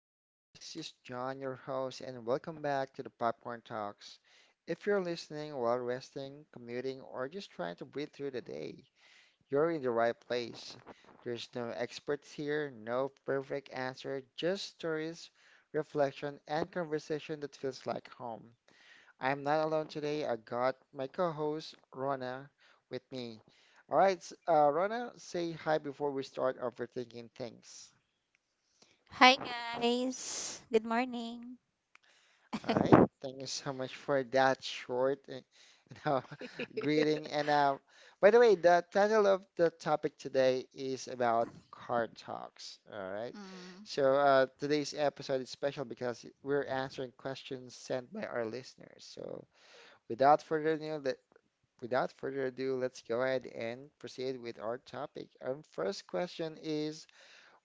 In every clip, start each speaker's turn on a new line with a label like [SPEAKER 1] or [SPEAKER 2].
[SPEAKER 1] everyone, this is John, your host, and welcome back to the Popcorn Talks. If you're listening while resting, commuting, or just trying to breathe through the day, you're in the right place. There's no experts here, no perfect answer, just stories, reflection, and conversation that feels like home. I'm not alone today. I got my co-host Rona with me. All right, Rona, say hi before we start overthinking things.
[SPEAKER 2] Hi guys. Good morning.
[SPEAKER 1] All right. Thank you so much for that short, greeting. And by the way, the title of the topic today is about car talks. All right.
[SPEAKER 2] mm.
[SPEAKER 1] So today's episode is special because we're answering questions sent by our listeners. So without further ado, without further ado, let's go ahead and proceed with our topic. Our first question is,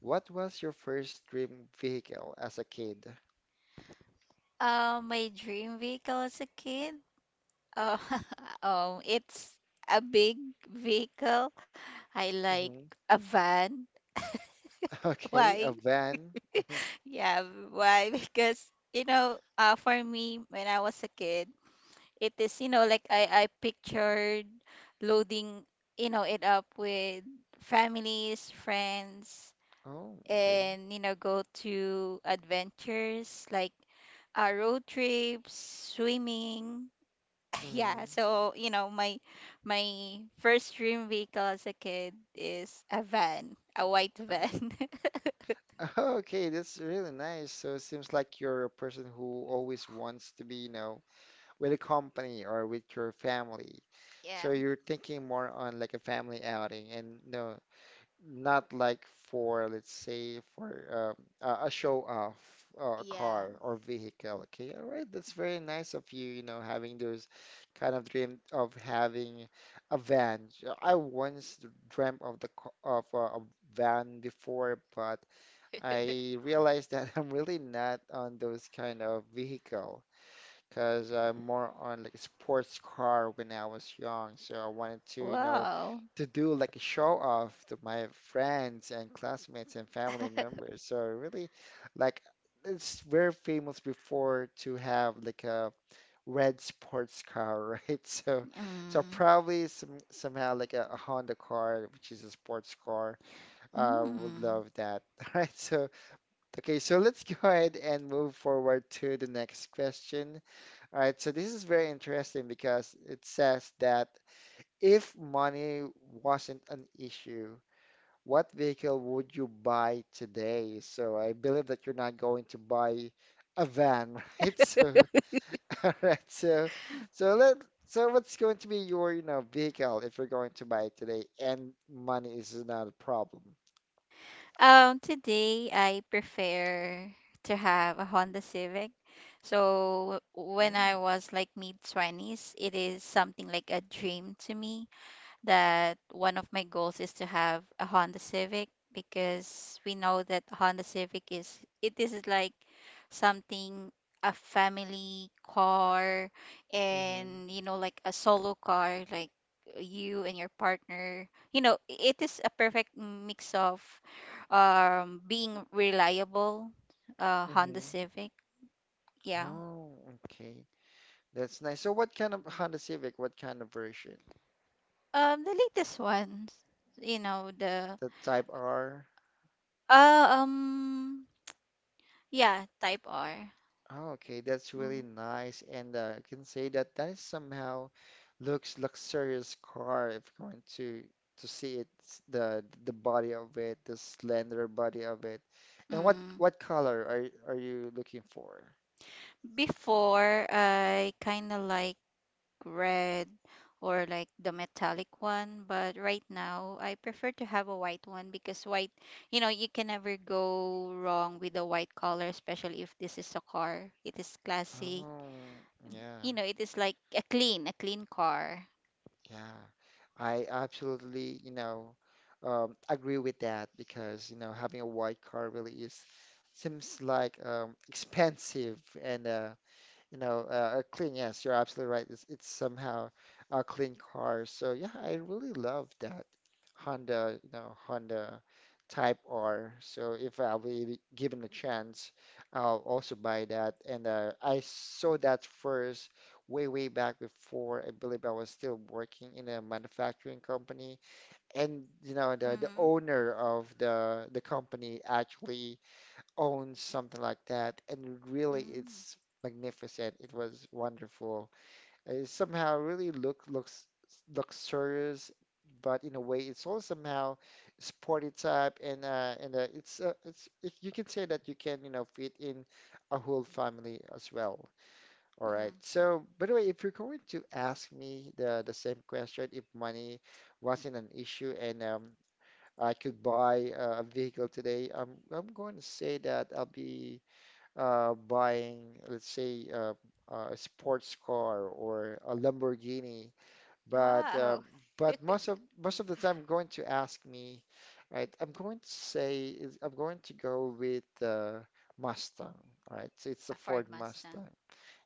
[SPEAKER 1] what was your first dream vehicle as a kid?
[SPEAKER 2] My dream vehicle as a kid. Oh, it's a big vehicle. I like
[SPEAKER 1] Hmm.
[SPEAKER 2] a van.
[SPEAKER 1] Okay, a
[SPEAKER 2] Why?
[SPEAKER 1] van. Mm-hmm.
[SPEAKER 2] Yeah, why? Because for me when I was a kid, it is like I pictured loading it up with families, friends.
[SPEAKER 1] Oh, okay.
[SPEAKER 2] And go to adventures like road trips, swimming. Yeah,
[SPEAKER 1] Hmm.
[SPEAKER 2] so my first dream vehicle as a kid is a van, a white
[SPEAKER 1] Uh,
[SPEAKER 2] van.
[SPEAKER 1] okay, that's really nice. So it seems like you're a person who always wants to be, with a company or with your family. So
[SPEAKER 2] Yeah.
[SPEAKER 1] you're thinking more on like a family outing and no, not like for, let's say, for a show off a
[SPEAKER 2] Yeah.
[SPEAKER 1] car or vehicle. Okay, all right, that's very nice of you, you know having those kind of dream of having a van. I once dreamt of of a van before, but I realized that I'm really not on those kind of vehicle, because I'm more on like sports car when I was young. So I wanted to,
[SPEAKER 2] Wow.
[SPEAKER 1] to do like a show off to my friends and classmates and family members. So really, like it's very famous before to have like a red sports car, right? So
[SPEAKER 2] Mm.
[SPEAKER 1] probably somehow like a Honda car, which is a sports car. Would
[SPEAKER 2] Mm.
[SPEAKER 1] love that. All right. So okay, so let's go ahead and move forward to the next question. All right, so this is very interesting because it says that if money wasn't an issue, what vehicle would you buy today? So I believe that you're not going to buy a van, right? So, all right, so let so what's going to be your, vehicle if you're going to buy it today and money is not a problem?
[SPEAKER 2] Today I prefer to have a Honda Civic. So when
[SPEAKER 1] Mm,
[SPEAKER 2] I was like mid 20s, it is something like a dream to me that one of my goals is to have a Honda Civic because we know that Honda Civic is like something, a family car,
[SPEAKER 1] mm-hmm,
[SPEAKER 2] and like a solo car, like you and your partner. You know, it is a perfect mix of being reliable, uh, Honda
[SPEAKER 1] mm-hmm.
[SPEAKER 2] Civic, yeah.
[SPEAKER 1] Oh, okay. That's nice. So what kind of Honda Civic, what kind of version?
[SPEAKER 2] The latest ones, you know, the
[SPEAKER 1] The Type R?
[SPEAKER 2] uh, um yeah, type R.
[SPEAKER 1] Oh, okay, that's really
[SPEAKER 2] Mm,
[SPEAKER 1] nice. And I can say that that is somehow looks luxurious car if you're going to see it, the body of it, the slender body of it. And what
[SPEAKER 2] mm.
[SPEAKER 1] what color are you looking for?
[SPEAKER 2] Before, I kind of like red or like the metallic one, but right now I prefer to have a white one, because white, you know, you can never go wrong with a white color, especially if this is a car. It is classic.
[SPEAKER 1] Oh, yeah,
[SPEAKER 2] You know, it is like a clean car.
[SPEAKER 1] yeah. I absolutely, agree with that, because, having a white car really is seems like expensive and are clean. Yes, you're absolutely right. It's somehow a clean car. So yeah, I really love that Honda Type R. So if I'll be given a chance, I'll also buy that. And I saw that first way, way back before. I believe I was still working in a manufacturing company, and the
[SPEAKER 2] Mm-hmm.
[SPEAKER 1] owner of the company actually own something like that, and really
[SPEAKER 2] Mm-hmm.
[SPEAKER 1] it's magnificent. It was wonderful. It somehow really looks luxurious, but in a way it's also somehow sporty type, and you can say that you can fit in a whole family as well. All right.
[SPEAKER 2] Mm-hmm.
[SPEAKER 1] So, by the way, if you're going to ask me the same question, if money wasn't an issue and I could buy a vehicle today, I'm going to say that I'll be buying, let's say, a sports car or a Lamborghini, but um,
[SPEAKER 2] Wow,
[SPEAKER 1] but most of the time, I'm going to ask me, right? I'm going to say I'm going to go with Mustang, all right? So it's
[SPEAKER 2] a
[SPEAKER 1] a
[SPEAKER 2] Ford
[SPEAKER 1] Ford
[SPEAKER 2] Mustang.
[SPEAKER 1] Mustang.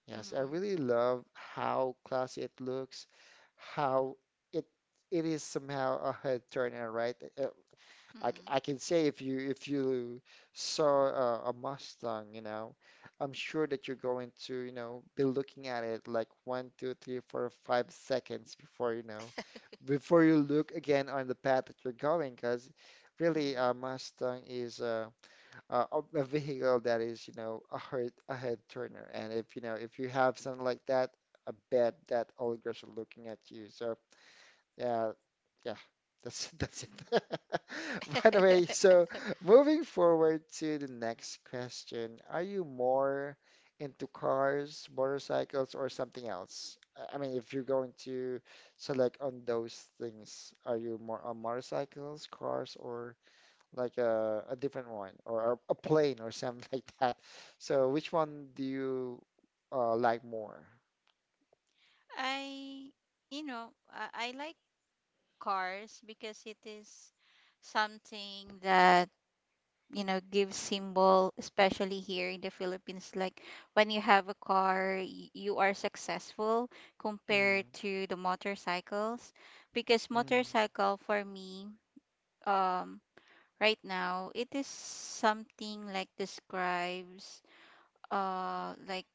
[SPEAKER 1] Yes, I
[SPEAKER 2] Mm-hmm.
[SPEAKER 1] really love how classy it looks, how it it is somehow a head turner, right? Uh, I can say, if you saw a Mustang, I'm sure that you're going to, be looking at it like one, two, three, four, 5 seconds before, before you look again on the path that you're going, because really a
[SPEAKER 2] Mm-hmm.
[SPEAKER 1] Mustang is a a vehicle that is, a head turner, and if you have something like that, I bet that all girls are looking at you. So yeah, yeah, that's that's it. By the way, so moving forward to the next question, are you more into cars, motorcycles, or something else? I mean, if you're going to select on those things, are you more on motorcycles, cars, or like a different one, or a plane, or something like that? So, which one do you like more?
[SPEAKER 2] I, I like cars because it is something that gives symbol, especially here in the Philippines. Like when you have a car, you are successful compared
[SPEAKER 1] Mm-hmm.
[SPEAKER 2] to the motorcycles. Because
[SPEAKER 1] Mm-hmm.
[SPEAKER 2] motorcycle for me, um right now it is something like describes uh like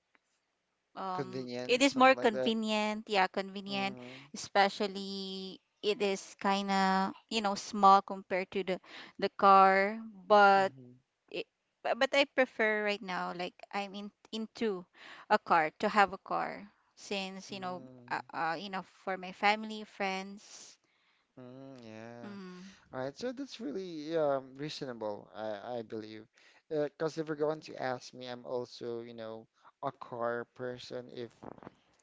[SPEAKER 2] it
[SPEAKER 1] Convenience,
[SPEAKER 2] is more
[SPEAKER 1] something like that.
[SPEAKER 2] convenient, yeah, convenient.
[SPEAKER 1] Mm-hmm.
[SPEAKER 2] Especially it is kind of, you know, small compared to the car, but
[SPEAKER 1] Mm-hmm.
[SPEAKER 2] it, but I prefer right now. Like I'm in into a car, to have a car, since
[SPEAKER 1] Mm,
[SPEAKER 2] you know, for my family, friends.
[SPEAKER 1] mm, yeah.
[SPEAKER 2] Mm.
[SPEAKER 1] All right. So that's really reasonable, I believe. Because if you're going to ask me, I'm also, a car person. If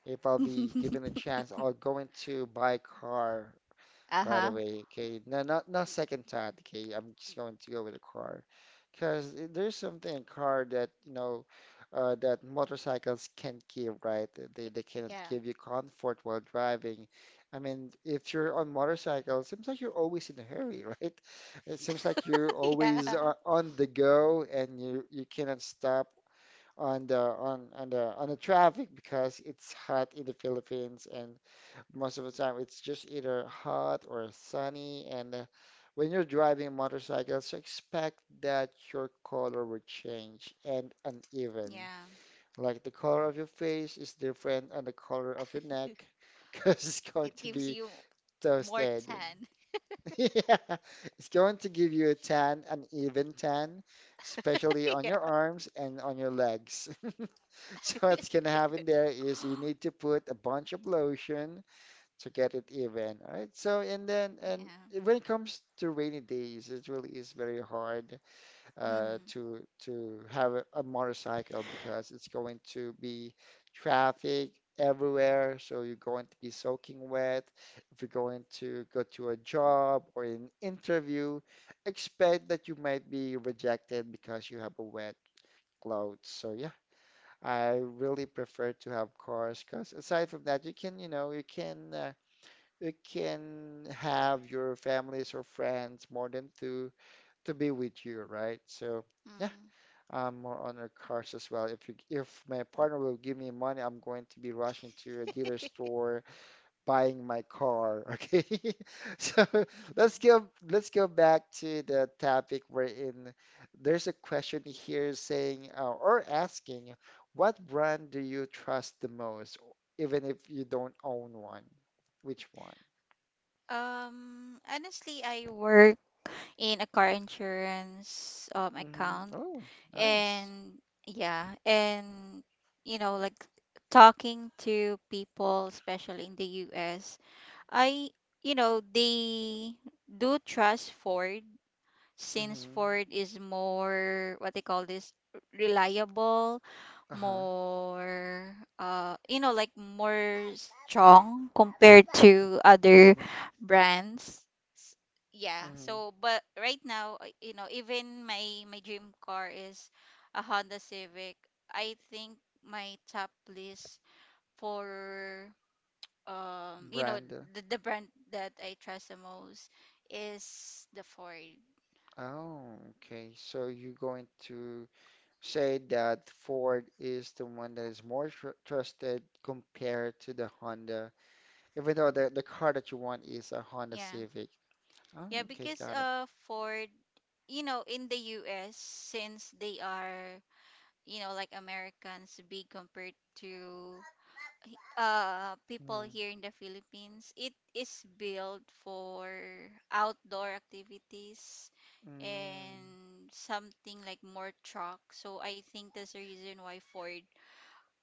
[SPEAKER 1] if I'll be given a chance, I'll go into buy a car right
[SPEAKER 2] Uh-huh.
[SPEAKER 1] away. Okay, no, not no second thought. Okay, I'm just going to go with a car, because there's something in car that motorcycles can't give. Right, they cannot
[SPEAKER 2] Yeah.
[SPEAKER 1] give you comfort while driving. I mean, if you're on motorcycle, it seems like you're always in a hurry, right? It seems like you're
[SPEAKER 2] Yeah.
[SPEAKER 1] always on the go, and you cannot stop on the traffic because it's hot in the Philippines, and most of the time, it's just either hot or sunny. And when you're driving motorcycles, expect that your color will change and uneven.
[SPEAKER 2] Yeah.
[SPEAKER 1] Like the color of your face is different and the color of your neck, because it's going
[SPEAKER 2] It
[SPEAKER 1] to
[SPEAKER 2] gives
[SPEAKER 1] be
[SPEAKER 2] you more
[SPEAKER 1] toasted.
[SPEAKER 2] tan.
[SPEAKER 1] Yeah, it's going to give you a tan, an even tan, especially on
[SPEAKER 2] Yeah.
[SPEAKER 1] your arms and on your legs. So what's gonna happen there is you need to put a bunch of lotion to get it even, right? So and then and
[SPEAKER 2] Yeah.
[SPEAKER 1] when it comes to rainy days, it really is very hard
[SPEAKER 2] Mm-hmm.
[SPEAKER 1] to have a motorcycle because it's going to be traffic everywhere. So you're going to be soaking wet. If you're going to go to a job or an interview, expect that you might be rejected because you have a wet clothes. So yeah, I really prefer to have cars because aside from that, you can you know you can. You can have your families or friends more than two to be with you, right? So yeah, I'm more on our cars as well. If my partner will give me money, I'm going to be rushing to a dealer store buying my car. Okay, so let's
[SPEAKER 2] Mhm.
[SPEAKER 1] go let's go back to the topic we're in. There's a question here saying or asking, what brand do you trust the most, even if you don't own one? Which one?
[SPEAKER 2] Honestly, I work in a car insurance
[SPEAKER 1] Mm-hmm.
[SPEAKER 2] account,
[SPEAKER 1] Oh, nice.
[SPEAKER 2] and yeah, and you know, like talking to people, especially in the US, I you know, they do trust Ford, since
[SPEAKER 1] Mm-hmm.
[SPEAKER 2] Ford is more, what they call this, reliable,
[SPEAKER 1] Uh-huh.
[SPEAKER 2] more, you know, like more strong compared to other
[SPEAKER 1] Mm-hmm.
[SPEAKER 2] brands. S- yeah,
[SPEAKER 1] Mm-hmm.
[SPEAKER 2] so but right now, you know, even my my dream car is a Honda Civic, I think my top list for, you know,
[SPEAKER 1] Brand.
[SPEAKER 2] the brand that I trust the most is the Ford.
[SPEAKER 1] Oh, okay. So you're going to say that Ford is the one that is more tr trusted compared to the Honda, even though the car that you want is a Honda
[SPEAKER 2] Yeah,
[SPEAKER 1] Civic. Oh,
[SPEAKER 2] yeah,
[SPEAKER 1] okay.
[SPEAKER 2] because,
[SPEAKER 1] Got it.
[SPEAKER 2] uh, Ford, you know, in the US, since they are, you know, like Americans, big compared to, uh, people
[SPEAKER 1] Mm-hmm.
[SPEAKER 2] here in the Philippines. It is built for outdoor activities and something like more truck. So I think that's the reason why Ford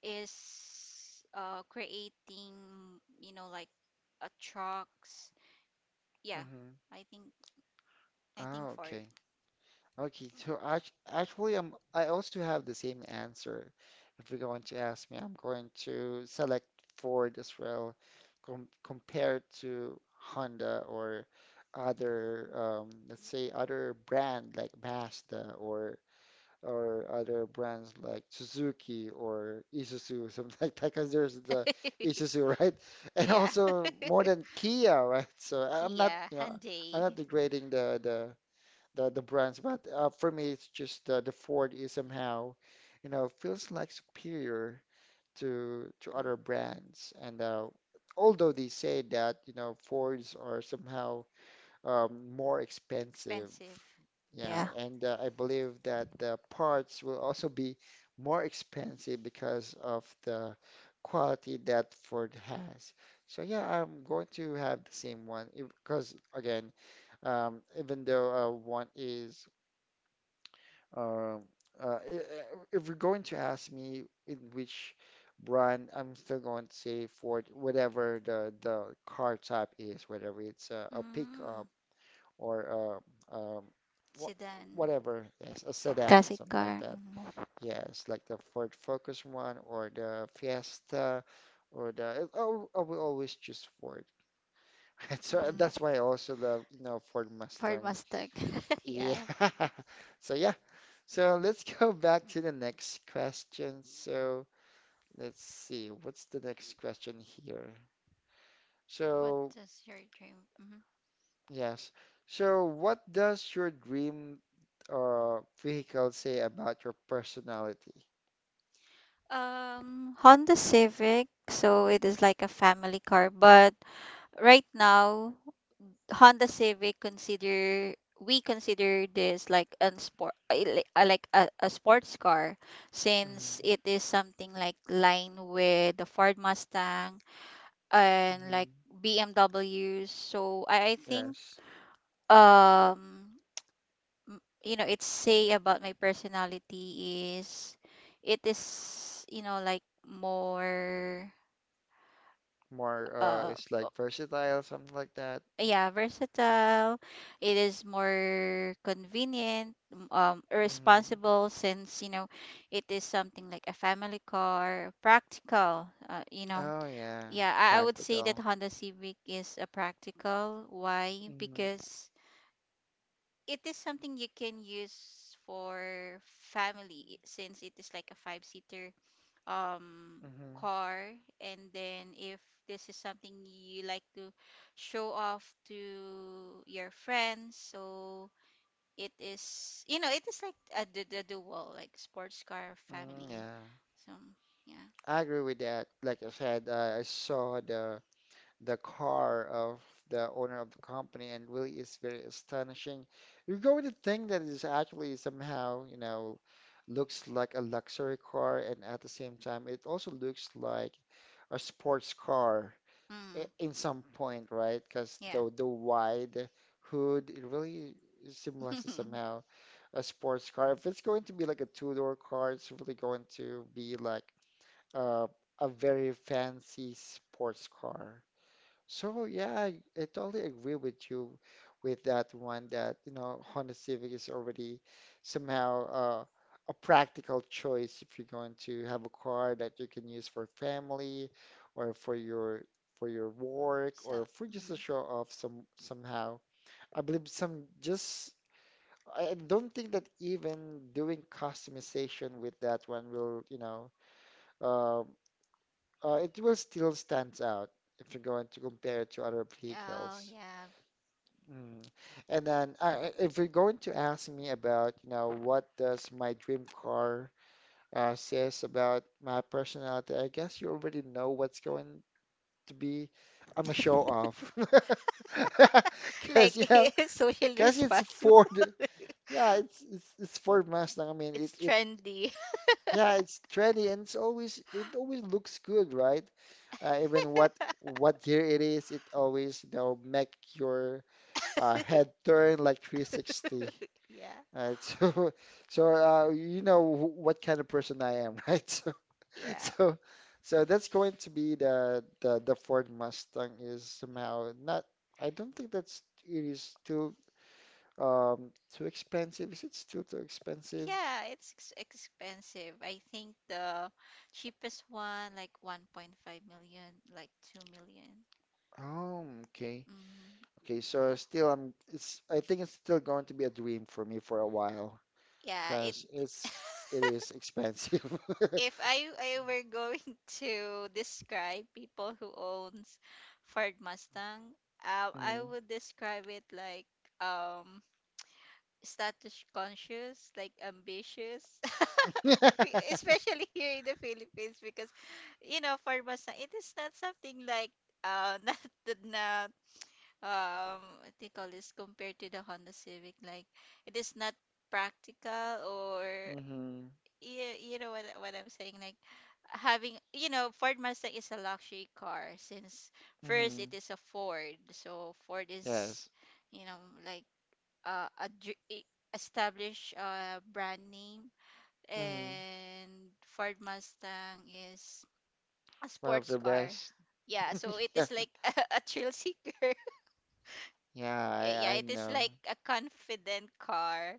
[SPEAKER 2] is, uh, creating, you know, like a trucks. Yeah,
[SPEAKER 1] Mm-hmm.
[SPEAKER 2] I think I
[SPEAKER 1] Oh,
[SPEAKER 2] think Ford.
[SPEAKER 1] okay. Okay, so actually, I also have the same answer. If you're going to ask me, I'm going to select Ford as well, compared to Honda or other, let's say, other brand like Mazda or other brands like Suzuki or Isuzu, something like that. Because there's the Isuzu, right? And
[SPEAKER 2] Yeah.
[SPEAKER 1] also more than Kia, right? So I'm not,
[SPEAKER 2] Kia,
[SPEAKER 1] you know, I'm not
[SPEAKER 2] Hyundai.
[SPEAKER 1] degrading the brands, but for me, it's just the Ford is somehow, feels like superior to
[SPEAKER 2] Mm.
[SPEAKER 1] other brands. And although they say that, Fords are somehow more expensive,
[SPEAKER 2] Expensive.
[SPEAKER 1] yeah,
[SPEAKER 2] Yeah.
[SPEAKER 1] and I believe that the parts will also be more expensive because of the quality that Ford has. So yeah, I'm going to have the same one because again. Even though one is um, uh, i- i- if you're going to ask me in which brand, I'm still going to say Ford, whatever the car type is, whether it's a
[SPEAKER 2] Mm,
[SPEAKER 1] pickup or a, um, wha
[SPEAKER 2] sedan.
[SPEAKER 1] whatever, yes, a sedan,
[SPEAKER 2] Classic
[SPEAKER 1] something like
[SPEAKER 2] car.
[SPEAKER 1] that.
[SPEAKER 2] Mhm.
[SPEAKER 1] Yes, like the Ford Focus one or the Fiesta or the. I will always choose Ford. So
[SPEAKER 2] Mm,
[SPEAKER 1] that's why I also love, Ford
[SPEAKER 2] Ford
[SPEAKER 1] Mustang.
[SPEAKER 2] Mustang.
[SPEAKER 1] Yeah.
[SPEAKER 2] Yeah.
[SPEAKER 1] So yeah. So let's go back to the next question. So let's see, what's the next question here?
[SPEAKER 2] What
[SPEAKER 1] So,
[SPEAKER 2] is your dream? Hmm.
[SPEAKER 1] yes. So, what does your dream vehicle say about your personality?
[SPEAKER 2] Honda Civic, so it is like a family car, but right now Honda Civic, consider we consider this like an sport, like a sports car, since
[SPEAKER 1] Hmm.
[SPEAKER 2] it is something like line with the Ford Mustang and
[SPEAKER 1] Hmm.
[SPEAKER 2] like BMWs. So I think,
[SPEAKER 1] Yes.
[SPEAKER 2] um you know, it's say about my personality is it is, you know, like more
[SPEAKER 1] More,
[SPEAKER 2] uh
[SPEAKER 1] it's
[SPEAKER 2] fo-
[SPEAKER 1] like versatile, something like that.
[SPEAKER 2] yeah, versatile. It is more convenient,
[SPEAKER 1] Hmm.
[SPEAKER 2] responsible, since you know it is something like a family car, practical, you know.
[SPEAKER 1] Oh, yeah.
[SPEAKER 2] Yeah, I would say that
[SPEAKER 1] Practical.
[SPEAKER 2] Honda Civic is a practical. Why?
[SPEAKER 1] Hmm.
[SPEAKER 2] Because it is something you can use for family, since it is like a five seater um
[SPEAKER 1] Hmm.
[SPEAKER 2] car. And then if this is something you like to show off to your friends, so it is, you know, it is like a, the dual, like sports car
[SPEAKER 1] Mm,
[SPEAKER 2] family,
[SPEAKER 1] yeah.
[SPEAKER 2] so yeah.
[SPEAKER 1] I agree with that. Like I said, I saw the car of the owner of the company and really is very astonishing. You're going to think that it is actually somehow, you know, looks like a luxury car, and at the same time it also looks like a sports car
[SPEAKER 2] Mm,
[SPEAKER 1] in some point, right? Because
[SPEAKER 2] yeah.
[SPEAKER 1] the wide hood, it really symbolizes somehow a sports car. If it's going to be like a two-door car, it's really going to be like uh, a very fancy sports car. So yeah, I totally agree with you with that one that, you know, Honda Civic is already somehow a practical choice if you're going to have a car that you can use for family or for your work
[SPEAKER 2] So
[SPEAKER 1] or for just
[SPEAKER 2] mm.
[SPEAKER 1] a show off some somehow. I believe some just I don't think that even doing customization with that one will, you know, um it will still stands out if you're going to compare it to other
[SPEAKER 2] Oh
[SPEAKER 1] vehicles.
[SPEAKER 2] yeah.
[SPEAKER 1] Mm. And then, if you're going to ask me about, you know, what does my dream car says about my personality, I guess you already know what's going to be. I'm a show off, because you know,
[SPEAKER 2] Like social
[SPEAKER 1] because it's
[SPEAKER 2] responsible.
[SPEAKER 1] Ford. Yeah, it's Ford Mustang. I mean,
[SPEAKER 2] It's
[SPEAKER 1] it
[SPEAKER 2] trendy.
[SPEAKER 1] yeah, it's trendy, and it always looks good, right? Even what what year it is, it always, you know, make your head turn like 360.
[SPEAKER 2] Yeah,
[SPEAKER 1] All right, so so you know what kind of person I am, right? So
[SPEAKER 2] yeah,
[SPEAKER 1] so so that's going to be the Ford Mustang is somehow not. I don't think that's it is too too expensive. Is it still too expensive?
[SPEAKER 2] yeah. It's ex expensive. I think the cheapest one, like 1.5 million, like 2 million.
[SPEAKER 1] Oh, okay.
[SPEAKER 2] Mm,
[SPEAKER 1] Okay, so still I'm it's I think it's still going to be a dream for me for a while
[SPEAKER 2] yeah, it.
[SPEAKER 1] because it is expensive.
[SPEAKER 2] If I were going to describe people who owns Ford Mustang, I
[SPEAKER 1] Mhm.
[SPEAKER 2] would describe it like um status conscious, like ambitious. Especially here in the Philippines, because, you know, farmers, it is not something like uh not not, what they call this, compared to the Honda Civic. Like it is not practical or,
[SPEAKER 1] Mm-hmm.
[SPEAKER 2] you know what I'm saying. Like having, you know, Ford Mustang is a luxury car, since first it
[SPEAKER 1] Mm-hmm.
[SPEAKER 2] is a Ford. So Ford is,
[SPEAKER 1] Yes.
[SPEAKER 2] you know, like uh, a, dr- i- establish a brand name,
[SPEAKER 1] Mm-hmm. Yes.
[SPEAKER 2] and Ford Mustang is a
[SPEAKER 1] One of
[SPEAKER 2] sports
[SPEAKER 1] the
[SPEAKER 2] car.
[SPEAKER 1] best.
[SPEAKER 2] Yeah, so it is like a thrill seeker.
[SPEAKER 1] Yeah,
[SPEAKER 2] Yeah,
[SPEAKER 1] I
[SPEAKER 2] it is
[SPEAKER 1] know.
[SPEAKER 2] like a confident car.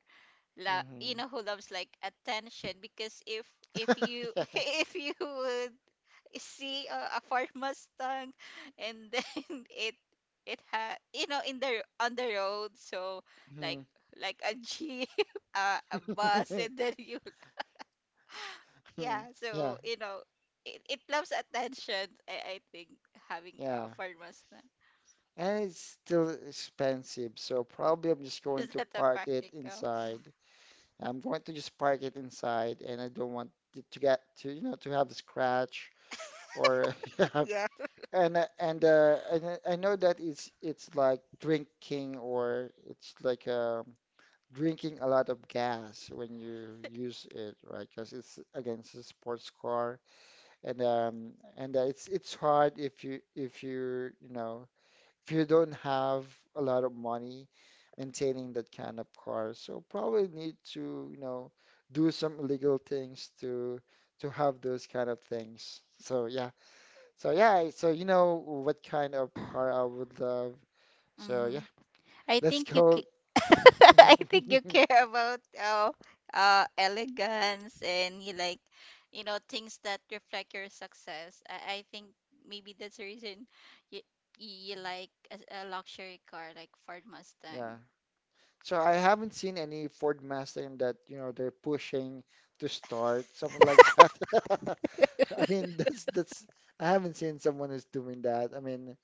[SPEAKER 2] La, you
[SPEAKER 1] Hmm.
[SPEAKER 2] know, who loves like attention. Because if you if you would see a Ford Mustang, and then it it had, you know, in the on the road, so like
[SPEAKER 1] Mhm.
[SPEAKER 2] like a jeep, a bus, and then you, yeah.
[SPEAKER 1] Yeah,
[SPEAKER 2] So you know it, it loves attention. I think having a
[SPEAKER 1] yeah.
[SPEAKER 2] Ford Mustang.
[SPEAKER 1] And it's still expensive, so probably I'm just going
[SPEAKER 2] Is
[SPEAKER 1] to
[SPEAKER 2] that a
[SPEAKER 1] park it
[SPEAKER 2] practical?
[SPEAKER 1] inside. I'm going to just park it inside, and I don't want it to get to, you know, to have a scratch or yeah.
[SPEAKER 2] Yeah.
[SPEAKER 1] And I know that it's like drinking, or it's like drinking a lot of gas when you use it, right? Because it's against a sports car, and it's hard if you know if you don't have a lot of money maintaining that kind of car. So probably need to, you know, do some illegal things to have those kind of things. So yeah, so yeah, so you know what kind of car I would love. So
[SPEAKER 2] Mm-hmm.
[SPEAKER 1] yeah,
[SPEAKER 2] I
[SPEAKER 1] let's
[SPEAKER 2] think you
[SPEAKER 1] go.
[SPEAKER 2] ca- I think you care about elegance, and you like, you know, things that reflect your success. I think maybe that's the reason you you like a luxury car like Ford
[SPEAKER 1] Yeah.
[SPEAKER 2] Mustang.
[SPEAKER 1] So I haven't seen any Ford Mustang that, you know, they're pushing to start, something like that. I mean, that's I haven't seen someone who's doing that. I mean,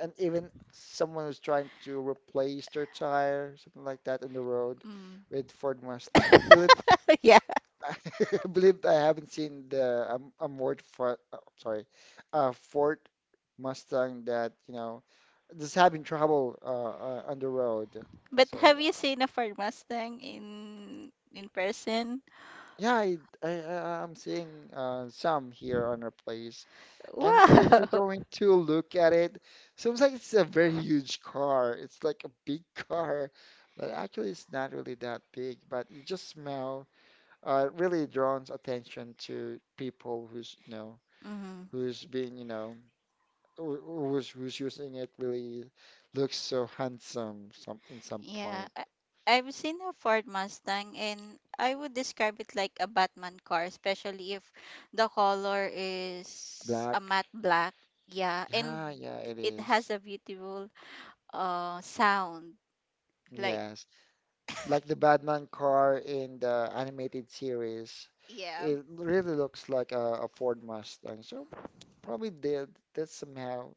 [SPEAKER 1] and even someone who's trying to replace their tire, something like that in the road
[SPEAKER 2] Mm.
[SPEAKER 1] with Ford Mustang. I believe
[SPEAKER 2] Yeah.
[SPEAKER 1] I believe I haven't seen the a Ford for, sorry, a Ford Mustang that, you know, just having trouble on the road.
[SPEAKER 2] But
[SPEAKER 1] So
[SPEAKER 2] have you seen a Ford Mustang in person?
[SPEAKER 1] yeah, I'm seeing some here on our place. And if you're
[SPEAKER 2] Wow.
[SPEAKER 1] going to look at it, seems like it's a very huge car. It's like a big car, but actually it's not really that big. But it just smell really draws attention to people who's, you know,
[SPEAKER 2] Mm-hmm.
[SPEAKER 1] who's being, you know, who- who's who's using it really looks so handsome some in some
[SPEAKER 2] Yeah,
[SPEAKER 1] point.
[SPEAKER 2] I've seen a Ford Mustang, and I would describe it like a Batman car, especially if the color is a
[SPEAKER 1] Black.
[SPEAKER 2] matte black. Yeah, and
[SPEAKER 1] Yeah, yeah, it
[SPEAKER 2] it has
[SPEAKER 1] is.
[SPEAKER 2] a beautiful sound. Like
[SPEAKER 1] Yes. Like the Batman car in the animated series.
[SPEAKER 2] yeah.
[SPEAKER 1] It really looks like a Ford Mustang. So probably did that somehow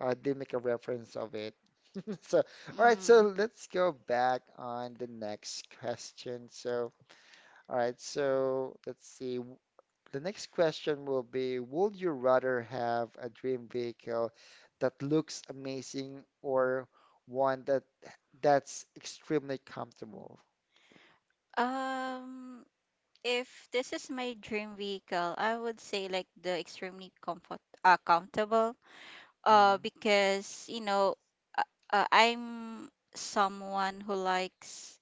[SPEAKER 1] did make a reference of it. So all right, so
[SPEAKER 2] Mm.
[SPEAKER 1] let's go back on the next question. So all right, so let's see. The next question will be, would you rather have a dream vehicle that looks amazing or one that that's extremely comfortable?
[SPEAKER 2] Um, if this is my dream vehicle, I would say like the extremely comfortable,
[SPEAKER 1] Mm.
[SPEAKER 2] because you know uh, I'm someone who likes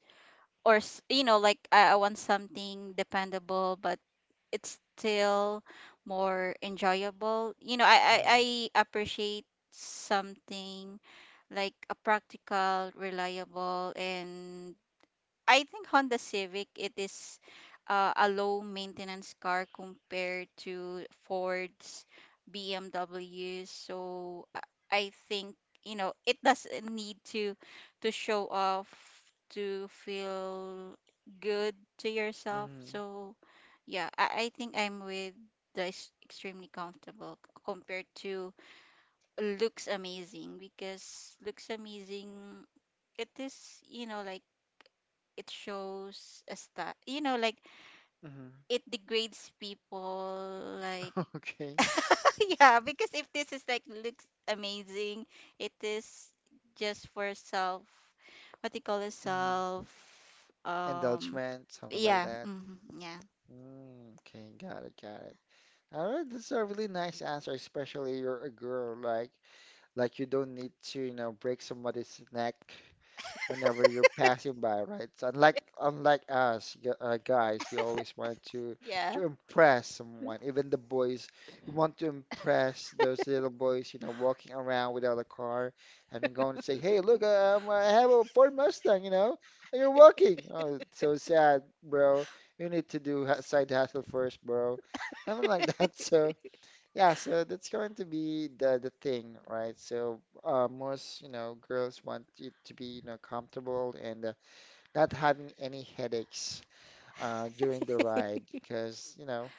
[SPEAKER 2] you know, like I want something dependable, but it's still more enjoyable. You know,
[SPEAKER 1] Mm,
[SPEAKER 2] I appreciate something like a practical, reliable. And I think Honda Civic it is, a low maintenance car compared to Ford's, BMWs. So, I think, you know, it doesn't need to show off to feel good to yourself.
[SPEAKER 1] mhm,
[SPEAKER 2] So yeah, I think I'm with the extremely comfortable compared to looks amazing. Because looks amazing, it is, you know, like it shows a stat, you know, like
[SPEAKER 1] mhm.
[SPEAKER 2] it degrades people like.
[SPEAKER 1] Okay.
[SPEAKER 2] Yeah, because if this is like looks amazing, it is just for self, what you call it,
[SPEAKER 1] Mhm.
[SPEAKER 2] self um
[SPEAKER 1] Indulgement, something like
[SPEAKER 2] yeah.
[SPEAKER 1] that.
[SPEAKER 2] Hmm, yeah.
[SPEAKER 1] Mm, okay, got it, got it. All right, this is a really nice answer, especially you're a girl, like you don't need to, you know, break somebody's neck whenever you're passing by, right? So unlike us guys, we always want
[SPEAKER 2] Yeah.
[SPEAKER 1] to impress someone. Even the boys, we want to impress those little boys, you know, walking around without a car, and going to say, "Hey, look, I have a Ford Mustang," you know, and you're walking. Oh, it's so sad, bro. You need to do side hustle first, bro. Something like that. So. Yeah, so that's going to be the thing, right? So most, you know, girls want it to be, you know, comfortable, and not having any headaches during the ride because, you know,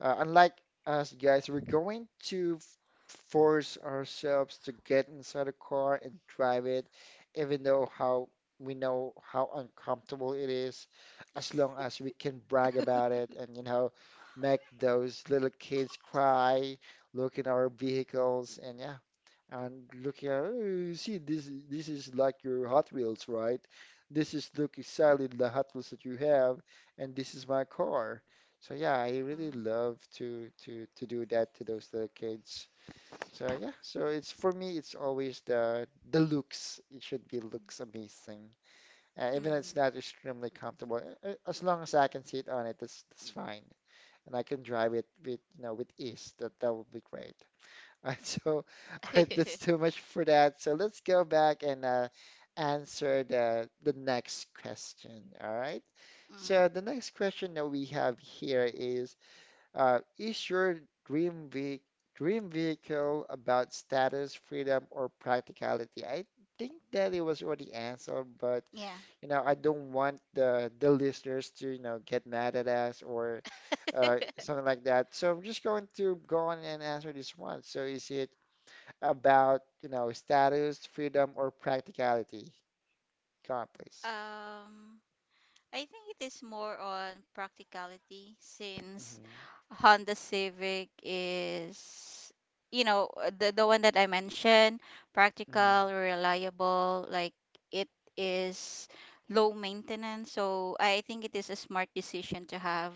[SPEAKER 1] unlike us guys, we're going to force ourselves to get inside a car and drive it, even though how we know how uncomfortable it is, as long as we can brag about it, and you know, make those little kids cry, look in our vehicles, and yeah, and look at, you see, this is like your Hot Wheels, right? This is look exactly the Hot Wheels that you have, and this is my car. So yeah, I really love to do that to those little kids. So yeah, so it's for me, it's always the looks. It should be looks amazing, even if it's
[SPEAKER 2] Mm-hmm.
[SPEAKER 1] not extremely comfortable. As long as I can sit on it, that's fine, and I can drive it with you know with ease. That that would be great. All right, so, all right, that's too much for that. So let's go back and answer the next question. All right.
[SPEAKER 2] Mm,
[SPEAKER 1] So the next question that we have here is your dream ve dream vehicle about status, freedom, or practicality? I think that it was already answered, but
[SPEAKER 2] yeah.
[SPEAKER 1] you know, I don't want the listeners to, you know, get mad at us or something like that. So I'm just going to go on and answer this one. So is it about, you know, status, freedom, or practicality? Come on, please.
[SPEAKER 2] Um, I think it is more on practicality, since
[SPEAKER 1] Mm-hmm.
[SPEAKER 2] Honda Civic is, you know, the one that I mentioned, practical, reliable, like it is low maintenance. So I think it is a smart decision to have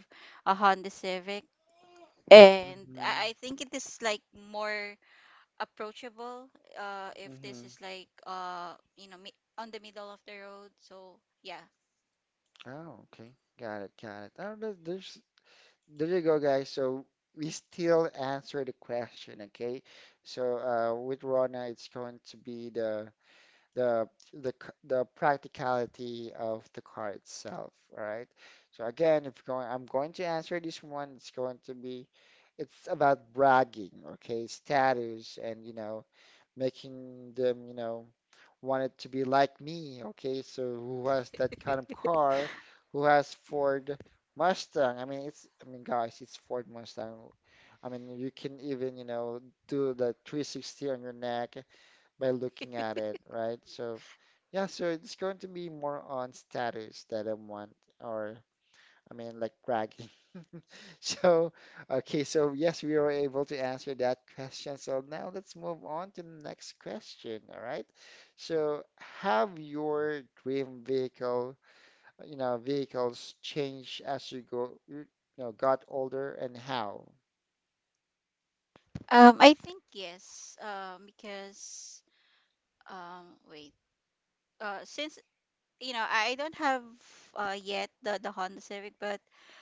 [SPEAKER 2] a Honda Civic. And
[SPEAKER 1] Mm-hmm. Mm-hmm.
[SPEAKER 2] I think it is like more approachable, if this
[SPEAKER 1] Mm-hmm.
[SPEAKER 2] is like, you know, on the middle of the road. So yeah.
[SPEAKER 1] Oh, okay. Got it. Got it. Oh, there's there you go, guys. So we still answer the question, okay? So with Rona, it's going to be the the practicality of the car itself, right? So again, if going, I'm going to answer this one. It's going to be, it's about bragging, okay? Status, and you know, making them, you know, want it to be like me, okay? So who has that kind of car? Who has Ford Mustang? I mean, it's I mean, guys, it's Ford Mustang. I mean, you can even, you know, do the 360 on your neck by looking at it, right? So, yeah, so it's going to be more on status that I want, or I mean, like bragging. So, okay, so yes, we were able to answer that question. So now let's move on to the next question, all right? So, have your dream vehicle, you know, vehicles changed as you got older, and how?
[SPEAKER 2] I think yes. Because wait. Since, you know, I don't have yet the Honda Civic, but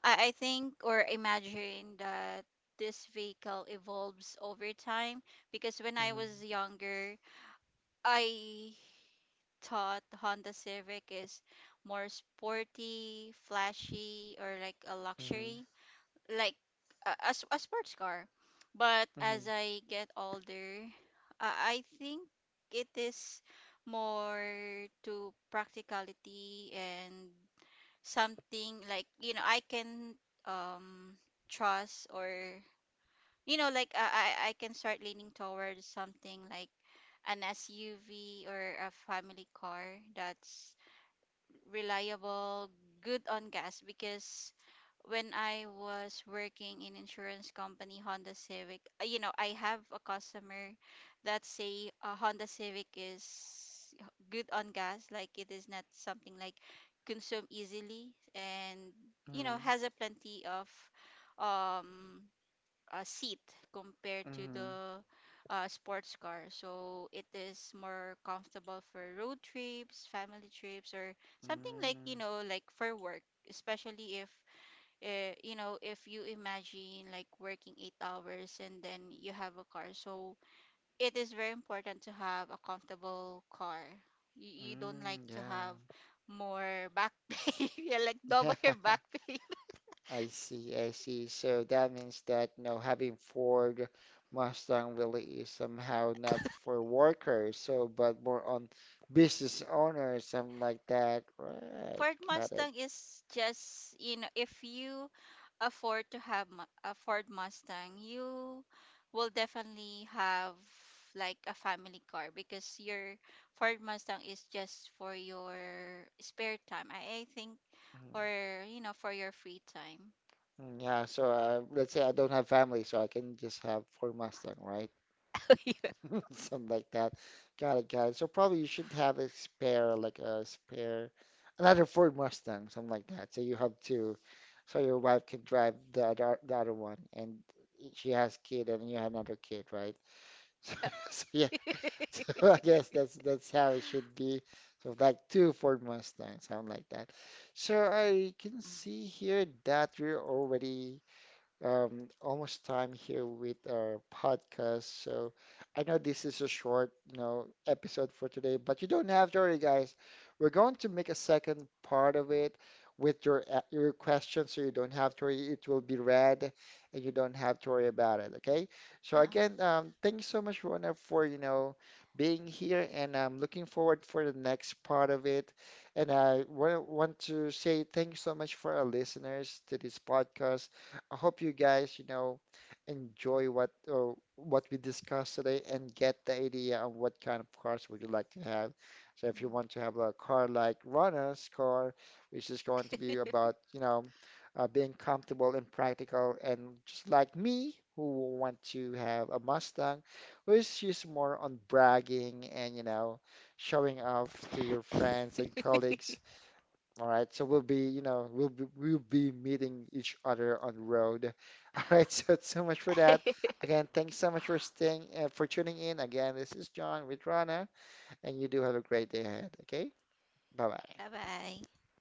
[SPEAKER 2] I think or imagine that this vehicle evolves over time. Because
[SPEAKER 1] Mhm,
[SPEAKER 2] when I was younger, I thought Honda Civic is more sporty, flashy, or like a
[SPEAKER 1] mhm,
[SPEAKER 2] luxury, like a, a sports car. But
[SPEAKER 1] mhm,
[SPEAKER 2] as I get older, I think it is more to practicality and something like, you know, I can um trust, or you know, like I can start leaning towards something like an SUV or a family car that's reliable, good on gas. Because when I was working in insurance company, Honda Civic, you know, I have a customer that say a Honda Civic is good on gas, like it is not something like consume easily, and
[SPEAKER 1] mhm,
[SPEAKER 2] you know, has a plenty of um a seat compared
[SPEAKER 1] mhm,
[SPEAKER 2] to the sports car. So it is more comfortable for road trips, family trips, or something
[SPEAKER 1] mm,
[SPEAKER 2] like, you know, like for work, especially if, you know, if you imagine like working 8 hours and then you have a car. So it is very important to have a comfortable car. You
[SPEAKER 1] mm.
[SPEAKER 2] don't like
[SPEAKER 1] Yeah.
[SPEAKER 2] to have more back pay, yeah, like double your back pay.
[SPEAKER 1] I see, I see. So that means that, you know, having Ford Mustang really is somehow not for workers, so but more on business owners, something like that. Right, got
[SPEAKER 2] Ford
[SPEAKER 1] it.
[SPEAKER 2] Mustang is just, you know, if you afford to have a Ford Mustang, you will definitely have like a family car, because your Ford Mustang is just for your spare time, I think,
[SPEAKER 1] Mhm.
[SPEAKER 2] or, you know, for your free time.
[SPEAKER 1] Mm. Yeah, so let's say I don't have family, so I can just have Ford Mustang, right?
[SPEAKER 2] Yeah.
[SPEAKER 1] Something like that. Got it, got it. So probably you should have a spare, like a spare, another Ford Mustang, something like that. So you have two, so your wife can drive the other one, and she has kid, and you have another kid, right? So, so yeah, so I guess that's how it should be. So like two Ford Mustangs, something like that. So I can see
[SPEAKER 2] Mm.
[SPEAKER 1] here that we're already almost time here with our podcast. So I know this is a short, you know, episode for today, but you don't have to worry, guys. We're going to make a second part of it with your your questions, so you don't have to worry. It will be read, and you don't have to worry about it. Okay. So again,
[SPEAKER 2] Um,
[SPEAKER 1] thank you so much, Rona, for you know being here, and I'm looking forward for the next part of it. And I want to say thank you so much for our listeners to this podcast. I hope you guys, you know, enjoy what we discussed today and get the idea of what kind of cars would you like to have. So if you want to have a car like Rana's car, which is going to be about, you know, being comfortable and practical, and just like me, who want to have a Mustang, which is more on bragging and, you know, showing off to your friends and colleagues. All right, so we'll be, you know, we'll be meeting each other on the road. All right, so it's so much for that. Again, thanks so much for staying, for tuning in. Again, this is John with Rana, and you do have a great day ahead. Okay, bye bye.
[SPEAKER 2] Bye-bye.